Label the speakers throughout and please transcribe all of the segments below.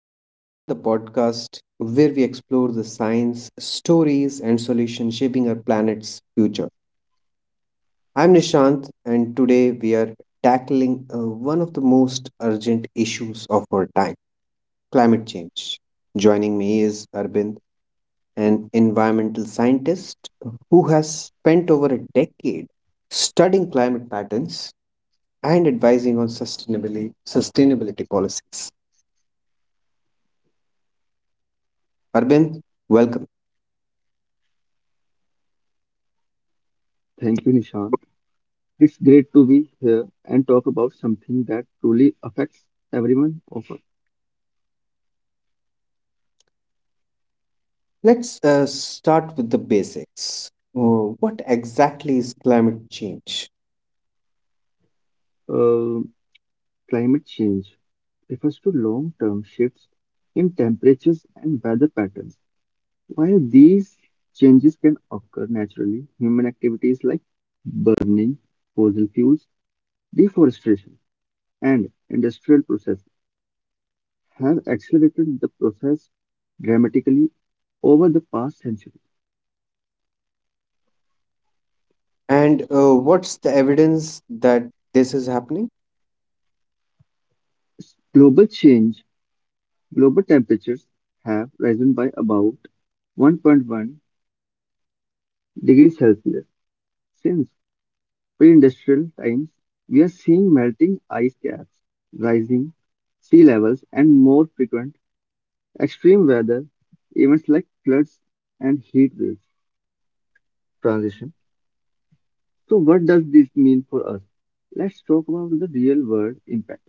Speaker 1: Conversation, the podcast where we explore the science, stories, and solutions shaping our planet's future. I'm Nishant, and today we are tackling one of the most urgent issues of our time, climate change. Joining me is Arbind, an environmental scientist who has spent over a decade studying climate patterns and advising on sustainability, sustainability policies. Arbind, welcome.
Speaker 2: Thank you, Nishant. It's great to be here and talk about something that truly affects everyone of us.
Speaker 1: Let's start with the basics. What exactly is climate change?
Speaker 2: uh, Climate change refers to long-term shifts in temperatures and weather patterns. While these changes can occur naturally, human activities like burning fossil fuels, deforestation, and industrial processes have accelerated the process dramatically over the past century.
Speaker 1: And what's the evidence that this is happening?
Speaker 2: Global change Global temperatures have risen by about 1.1 degrees Celsius since pre-industrial times. We are seeing melting ice caps, rising sea levels, and more frequent extreme weather events like floods and heat waves. Transition. So, what does this mean for us? Let's talk about the real-world impact.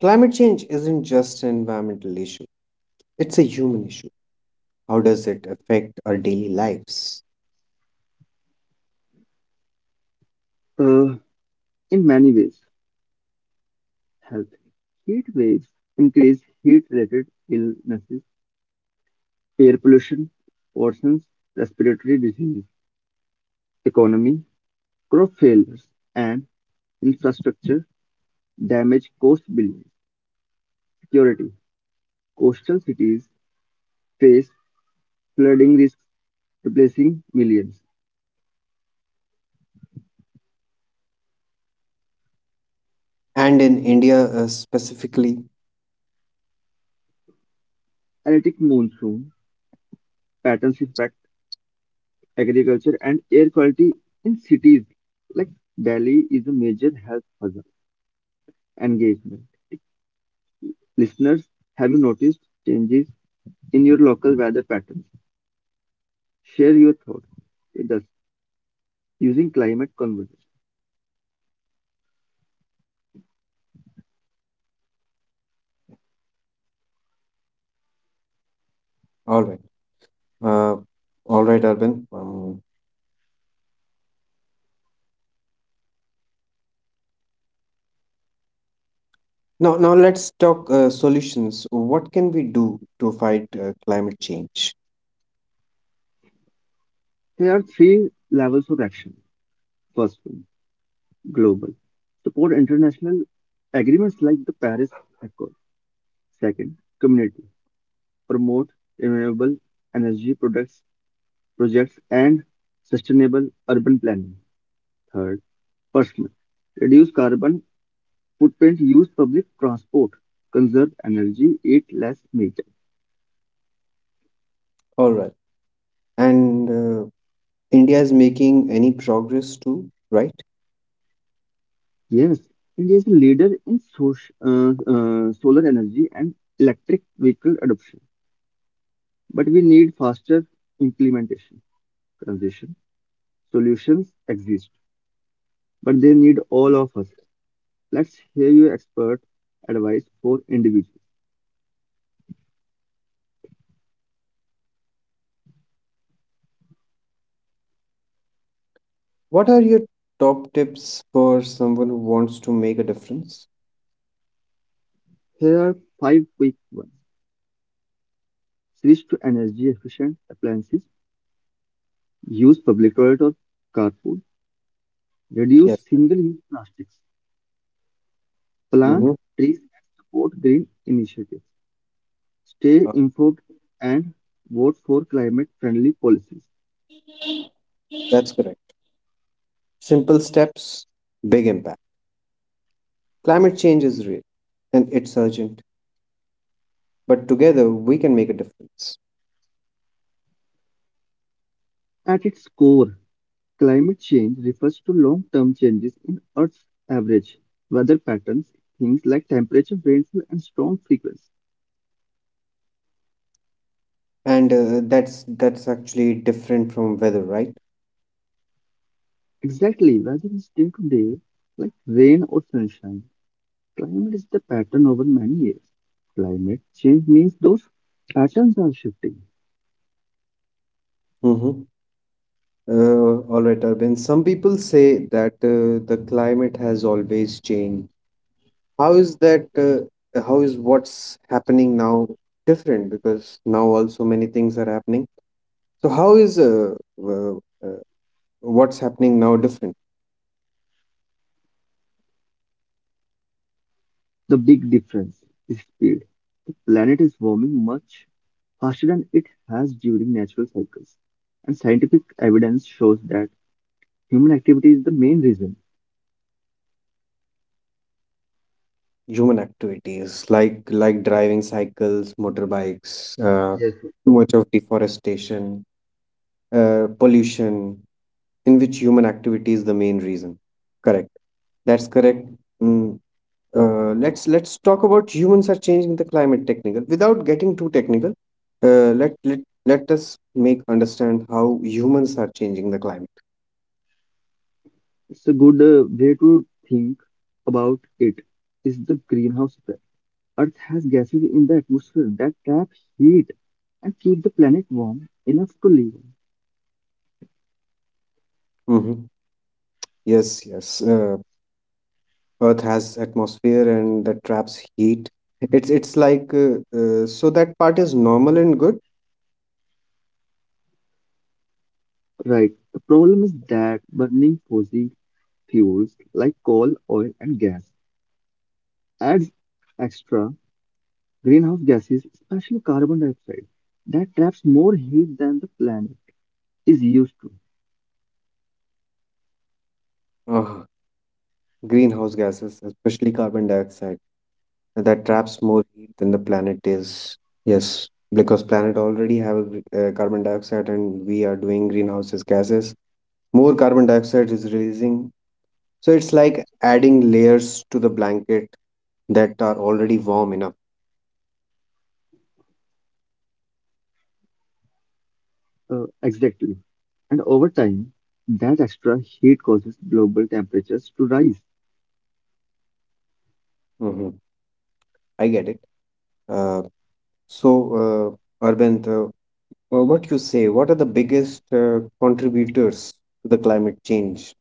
Speaker 1: Climate change isn't just an environmental issue, it's a human issue. How does it affect our daily lives?
Speaker 2: Uh, in many ways, health. Heat waves increase heat-related illnesses. Air pollution worsens respiratory disease. Economy, crop failures and infrastructure damage cost billions. Security. Coastal cities face flooding risks, replacing millions.
Speaker 1: And in India specifically,
Speaker 2: Erratic monsoon patterns affect agriculture and air quality in cities like Delhi is a major health hazard. Engagement. Listeners, have you noticed changes in your local weather patterns? Share your thoughts with us using climate conversation.
Speaker 1: all right, uh, all right, Arvind. Now let's talk solutions. What can we do to fight climate change?
Speaker 2: There are three levels of action: first one, global, support international agreements like the Paris Accord. Second, community, promote renewable energy products, projects and sustainable urban planning. Third, personal, reduce carbon footprint, use public transport, conserve energy, eat less meat.
Speaker 1: All right. And India is making any progress too, right?
Speaker 2: Yes, India is a leader in solar energy and electric vehicle adoption. But we need faster implementation. Transition solutions exist, but they need all of us. Let's hear your expert advice for individuals.
Speaker 1: What are your top tips for someone who wants to make a difference?
Speaker 2: Here are five quick ones. Switch to energy efficient appliances. Use public toilet or carpool. Reduce
Speaker 1: Yes, correct.
Speaker 2: single use plastics. Plant
Speaker 1: Mm-hmm.
Speaker 2: trees and support green initiatives. Stay informed and vote for climate friendly policies.
Speaker 1: That's correct. Simple steps, big impact. Climate change is real and it's urgent, but together we can make a difference.
Speaker 2: At its core, climate change refers to long-term changes in Earth's average weather patterns, things like temperature, rainfall, and storm frequency.
Speaker 1: And that's actually different from weather, right?
Speaker 2: Exactly, whether it's day to day, like rain or sunshine, climate is the pattern over many years. Climate change means those patterns are shifting.
Speaker 1: Mm-hmm. All right, Arvind. Some people say that the climate has always changed. How is that? How is what's happening now different? Because now also many things are happening. So how is uh, uh, what's happening now different?
Speaker 2: The big difference is speed. The planet is warming much faster than it has during natural cycles, and scientific evidence shows that human activity is the main reason.
Speaker 1: Human activities like driving cycles, motorbikes, uh,
Speaker 2: Yes.
Speaker 1: too much of deforestation, pollution, in which human activity is the main reason. Correct. That's correct. Mm, let's talk about humans are changing the climate technical without getting too technical. Uh, let let let us make understand how humans are changing the climate.
Speaker 2: It's a good way to think about it. Is the greenhouse effect? Earth has gases in the atmosphere that trap heat and keep the planet warm enough to live on.
Speaker 1: hmm Yes, yes. Earth has atmosphere and that traps heat. It's like so that part is normal and
Speaker 2: Right. The problem is that burning fossil fuels like coal, oil, and gas adds extra greenhouse gases, especially carbon dioxide, that traps more heat than the planet is used to.
Speaker 1: good. Greenhouse gases, especially carbon dioxide, that traps more heat than the planet is. Yes, because planet already have a, carbon dioxide, and we are doing greenhouses gases. More carbon dioxide is releasing, so it's like adding layers to the blanket that are already warm enough.
Speaker 2: Exactly. And over time, that extra heat causes global temperatures to rise.
Speaker 1: hmm I get it. Uh, Arvind, what you say? What are the biggest contributors to the climate change?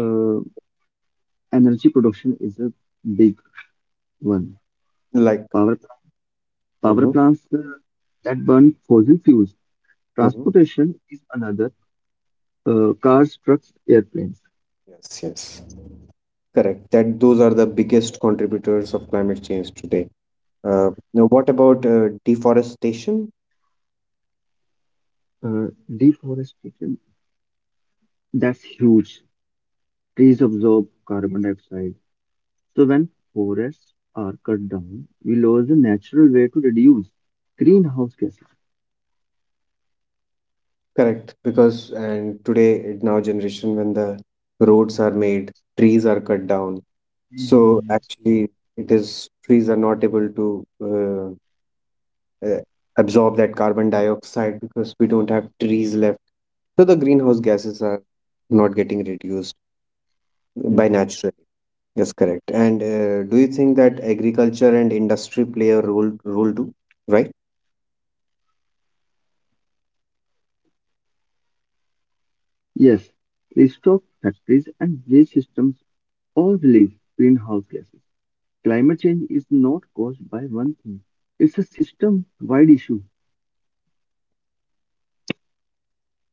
Speaker 2: Uh, Energy production is a big one.
Speaker 1: Like,
Speaker 2: Power, Power
Speaker 1: mhm,
Speaker 2: plants that burn fossil fuels.
Speaker 1: mhm.
Speaker 2: Transportation is another. Cars, trucks, airplanes.
Speaker 1: Yes, yes. Correct. That those are the biggest contributors of climate change today. Now, what about deforestation?
Speaker 2: Uh, Deforestation, that's huge. Trees absorb carbon dioxide. So when forests are cut down, we lose the natural way to reduce greenhouse gases.
Speaker 1: Correct, because and today now generation when the roads are made, trees are cut down. So
Speaker 2: Mhm.
Speaker 1: actually, it is trees are not able to uh, absorb that carbon dioxide because we don't have trees left. So the greenhouse gases are not getting reduced by natural. Yes, correct. And do you think that agriculture and industry play a role too, right?
Speaker 2: Yes, livestock, factories and waste systems all release greenhouse gases. Climate change is not caused by one thing. It's a system-wide issue.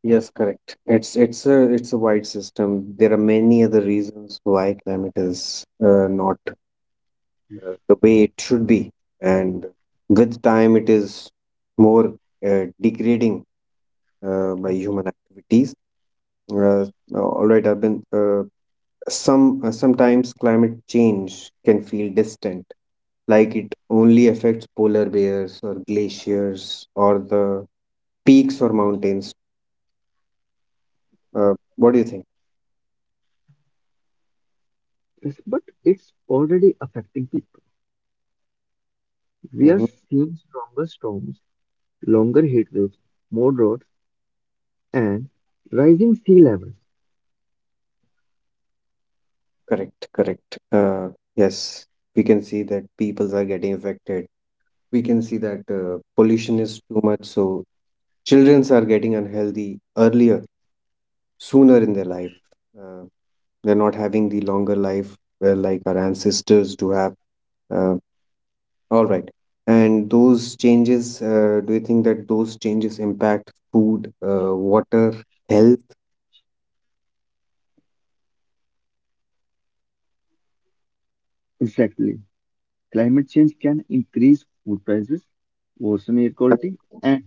Speaker 1: Yes, correct. It's a wide system. There are many other reasons why climate is not the way it should be, and with time it is more degrading by human activities. Uh, all right, I've been sometimes climate change can feel distant like it only affects polar bears or glaciers or the peaks or mountains. What do you think?
Speaker 2: Yes, but it's already affecting people. We are
Speaker 1: hmm
Speaker 2: seeing stronger storms, longer heat waves, more droughts, and rising sea levels.
Speaker 1: Correct, correct. Yes, we can see that peoples are getting affected. We can see that pollution is too much, so childrens are getting unhealthy earlier, sooner in their life. Uh, they're not having the longer life like our ancestors do have. Uh, All right. And those changes, do you think that those changes impact food, water, health?
Speaker 2: Exactly. Climate change can increase food prices, worsen air quality, and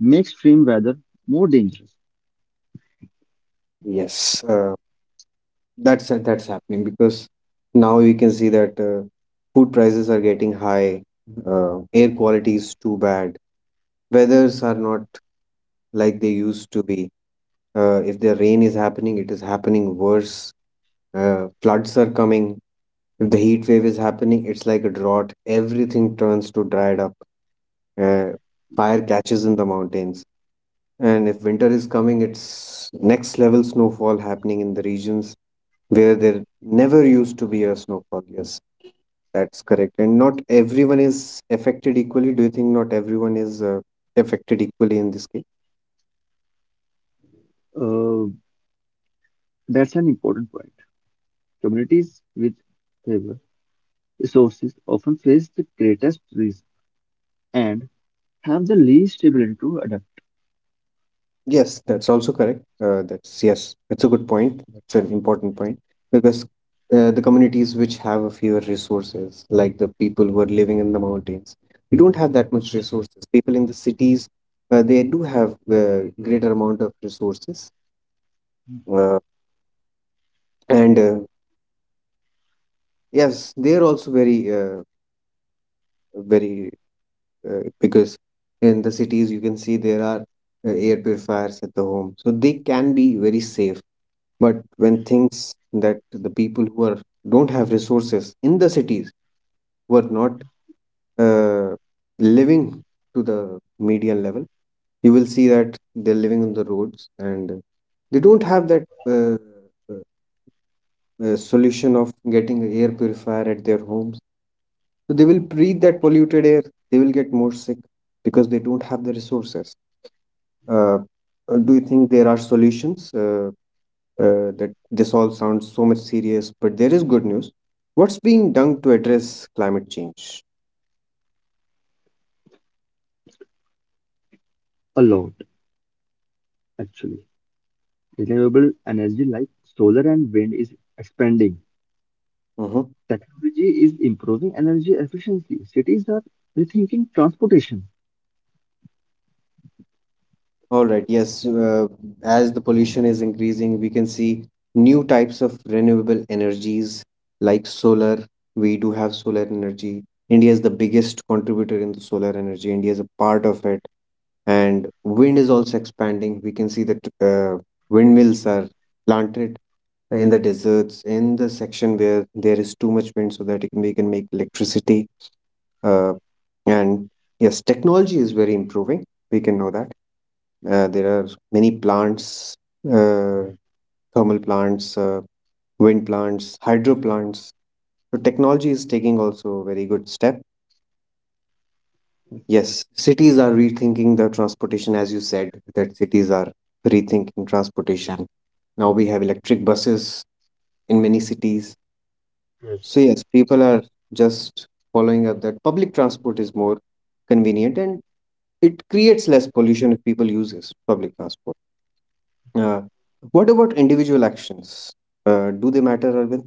Speaker 2: make extreme weather more dangerous.
Speaker 1: Yes, that's happening because now we can see that food prices are getting high, air quality is too bad, weathers are not like they used to be. If the rain is happening, it is happening worse. Floods are coming. If the heat wave is happening, it's like a drought. Everything turns to dried up, uh, fire catches in the mountains. And if winter is coming, it's next level snowfall happening in the regions where there never used to be a snowfall. Yes, that's correct. And not everyone is affected equally. Do you think not everyone is affected equally in this case?
Speaker 2: Uh, that's an important point. Communities with fewer resources often face the greatest risk and have the least ability to adapt.
Speaker 1: Yes, that's also correct. That's, yes, that's a good point. That's an important point because the communities which have a fewer resources, like the people who are living in the mountains, they don't have that much resources. People in the cities, they do have greater amount of resources, uh, and yes, they are also very, very, because in the cities you can see there are air purifiers at the home, so they can be very safe. But when things that the people who are don't have resources in the cities were not uh, living to the median level, you will see that they're living on the roads and they don't have that uh, solution of getting an air purifier at their homes. So they will breathe that polluted air. They will get more sick because they don't have the resources. Uh, do you think there are solutions? That this all sounds so much serious, but there is good news. What's being done to address climate change?
Speaker 2: A lot, actually. Renewable energy like solar and wind is expanding.
Speaker 1: Mhm.
Speaker 2: Technology is improving energy efficiency. Cities are rethinking transportation.
Speaker 1: All right, yes, as the pollution is increasing, we can see new types of renewable energies like solar. We do have solar energy. India is the biggest contributor in the solar energy. India is a part of it and wind is also expanding. We can see that windmills are planted in the deserts in the section where there is too much wind, so that it can, we can make electricity. Uh, and yes, technology is very improving. We can know that there are many plants, uh, thermal plants, wind plants, hydro plants. So technology is taking also a very good step. Yes, cities are rethinking the transportation, as you said, that cities are rethinking, yeah, transportation. Now we have electric buses in many cities.
Speaker 2: Yes.
Speaker 1: So, yes, people are just following up that public transport is more convenient and it creates less pollution if people use this public transport. Uh, what about individual actions? Do they matter, Arvind?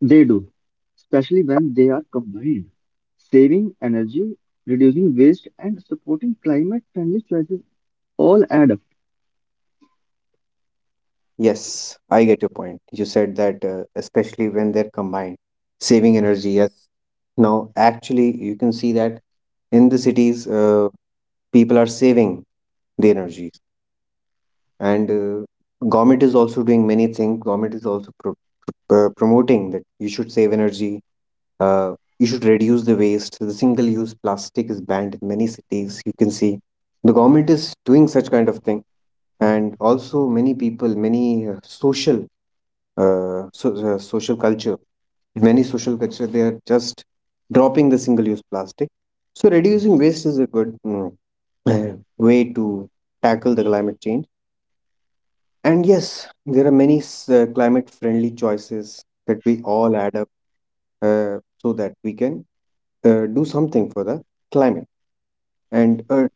Speaker 2: They do, especially when they are combined. Saving energy, reducing waste, and supporting climate friendly choices all add up.
Speaker 1: Yes, I get your point. You said that, especially when they're combined, saving energy. Yes. Now, actually, you can see that in the cities, people are saving the energy, and government is also doing many things. Government is also promoting that you should save energy. Uh, you should reduce the waste. The single-use plastic is banned in many cities. You can see the government is doing such kind of thing, and also many people, many social uh, so, social culture. Many social culture they are just dropping the single-use plastic. So reducing waste is a good uh, way to tackle the climate change. And yes, there are many climate-friendly choices that we all add up so that we can do something for the climate. And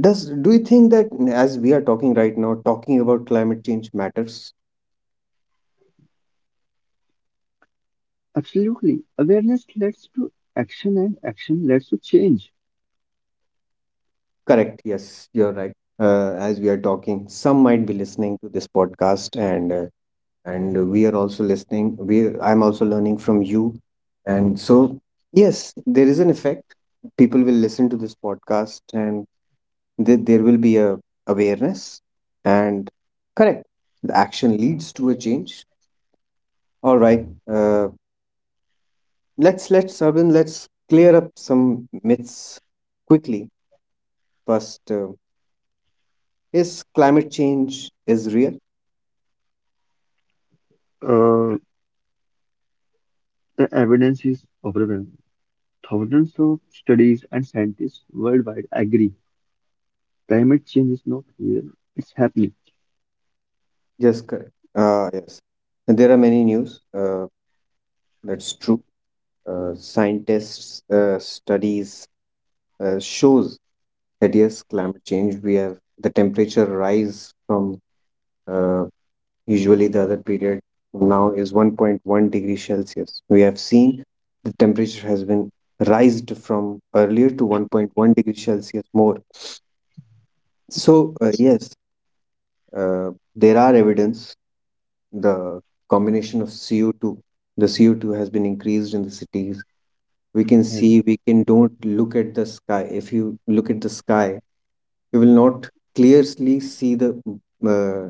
Speaker 1: does do you think that as we are talking right now, talking about climate change matters?
Speaker 2: Absolutely. Awareness leads to action and action leads to change.
Speaker 1: Correct. Yes, you're right. As we are talking, some might be listening to this podcast, and we are also listening. We I'm also learning from you, and so yes, there is an effect. People will listen to this podcast, and there will be a awareness, and correct. The action leads to a change. All right. Uh, let's Urban. Let's clear up some myths quickly. First, is climate change is real?
Speaker 2: Uh, the evidence is overwhelming. Thousands of studies and scientists worldwide agree climate change is not real, it's happening.
Speaker 1: Yes, correct. Yes, and there are many news. That's true. Scientists' studies shows that yes, climate change. We have the temperature rise from uh, usually the other period now is 1.1-degree Celsius. We have seen the temperature has been raised from earlier to 1.1 degree Celsius more. So yes, there are evidence the combination of CO2, the CO2 has been increased in the cities. We can see,
Speaker 2: Yes.
Speaker 1: we can don't look at the sky. If you look at the sky, you will not clearly see the uh,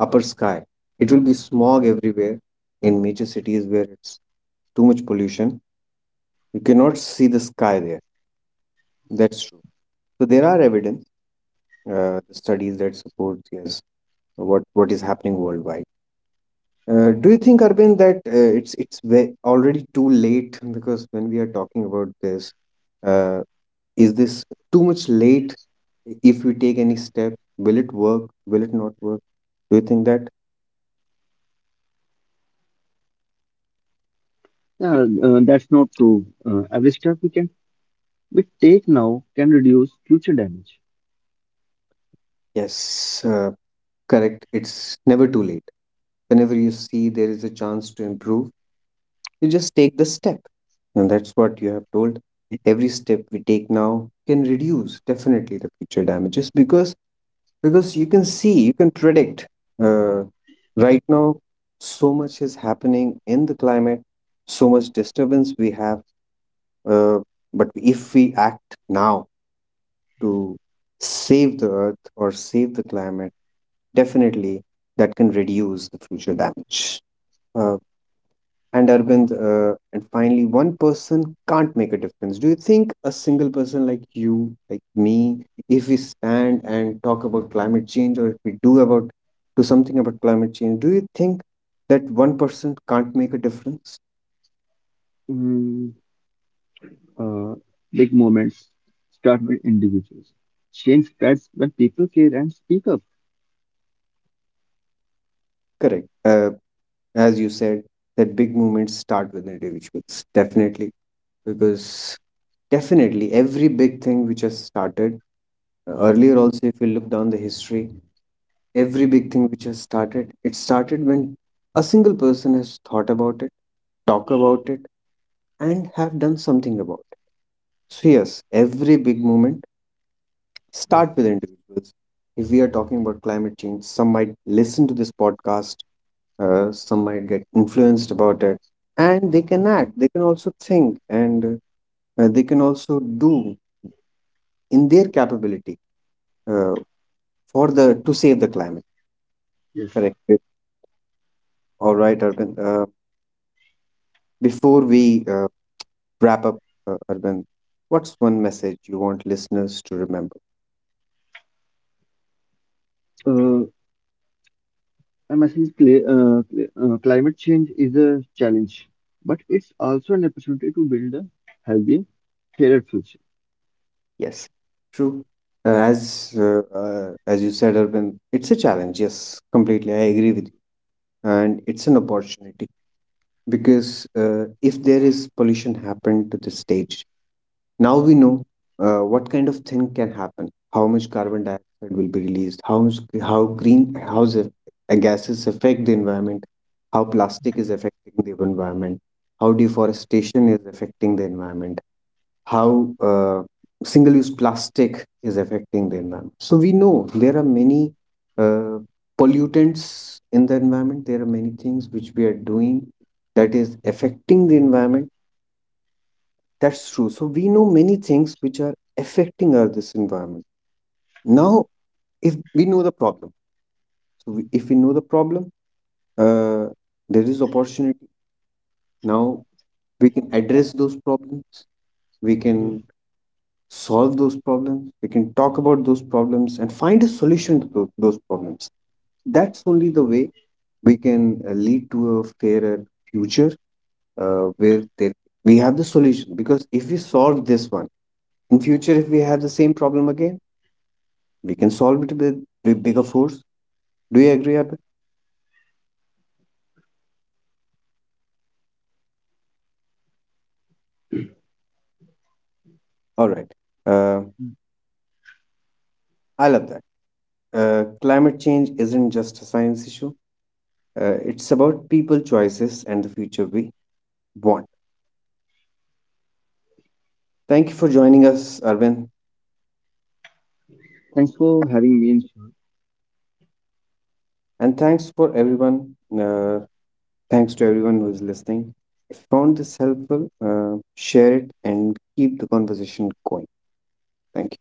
Speaker 1: upper sky. It will be smog everywhere in major cities where it's too much pollution. You cannot see the sky there. That's true. So there are evidence, studies that support yes what is happening worldwide. Do you think, Arvind, that already too late? Because when we are talking about this, uh, is this too much late? If we take any steps, will it work? Will it not work? Do you think that?
Speaker 2: Yeah, that's not true. Every step we take now can reduce future damage.
Speaker 1: Yes, correct. It's never too late. Whenever you see there is a chance to improve, you just take the step, and that's what you have told. Every step we take now can reduce definitely the future damages because you can see you can predict uh, right now so much is happening in the climate, so much disturbance we have, uh, but if we act now to save the earth or save the climate definitely that can reduce the future damage. uh, and Arvind, and finally, one person can't make a difference. Do you think a single person like you, like me, if we stand and talk about climate change, or if we do about do something about climate change, do you think that one person can't make a difference?
Speaker 2: Mm, uh, Big moments start with individuals. Change spreads when people care and speak up.
Speaker 1: Correct. As you said, that big movements start with individuals, definitely, because definitely every big thing which has started earlier. Also, if we look down the history, every big thing which has started, it started when a single person has thought about it, talked about it, and have done something about it. So, yes, every big movement
Speaker 2: Yes.
Speaker 1: start with individuals. If we are talking about climate change, some might listen to this podcast, some might get influenced about it, and they can act. They can also think, and they can also do in their capability uh, for the to save the climate.
Speaker 2: Yes.
Speaker 1: Correct. All right, Arvind. Before we wrap up, Urban, what's one message you want listeners to remember?
Speaker 2: I'm message cl cl- Climate change is a challenge, but it's also an opportunity to build a healthy, fairer future.
Speaker 1: Yes, true. As you said, Urban, it's a challenge. Yes, completely, I agree with you, and it's an opportunity because if there is pollution happened to the stage, now we know what kind of thing can happen, how much carbon dioxide will be released, how much, how gases affect the environment, how plastic is affecting the environment, how deforestation is affecting the environment, how single-use plastic is affecting the environment. So we know there are many uh, pollutants in the environment. There are many things which we are doing that is affecting the environment, that's true. So we know many things which are affecting our this environment. Now, if we know the problem, so we, if we know the problem, uh, there is opportunity. Now we can address those problems. We
Speaker 2: Mm.
Speaker 1: can solve those problems. We can talk about those problems and find a solution to those problems. That's only the way we can lead to a fairer future where there, we have the solution. Because if we solve this one in future, if we have the same problem again we can solve it with bigger force. Do you agree, Arthur? All right. Uh, I love that. Climate change isn't just a science issue. It's about people choices and the future we want. Thank you for joining us, Arvind,
Speaker 2: Thanks for having me.
Speaker 1: and thanks for everyone. Thanks to everyone who is listening. If you found this helpful, share it and keep the conversation going. Thank you.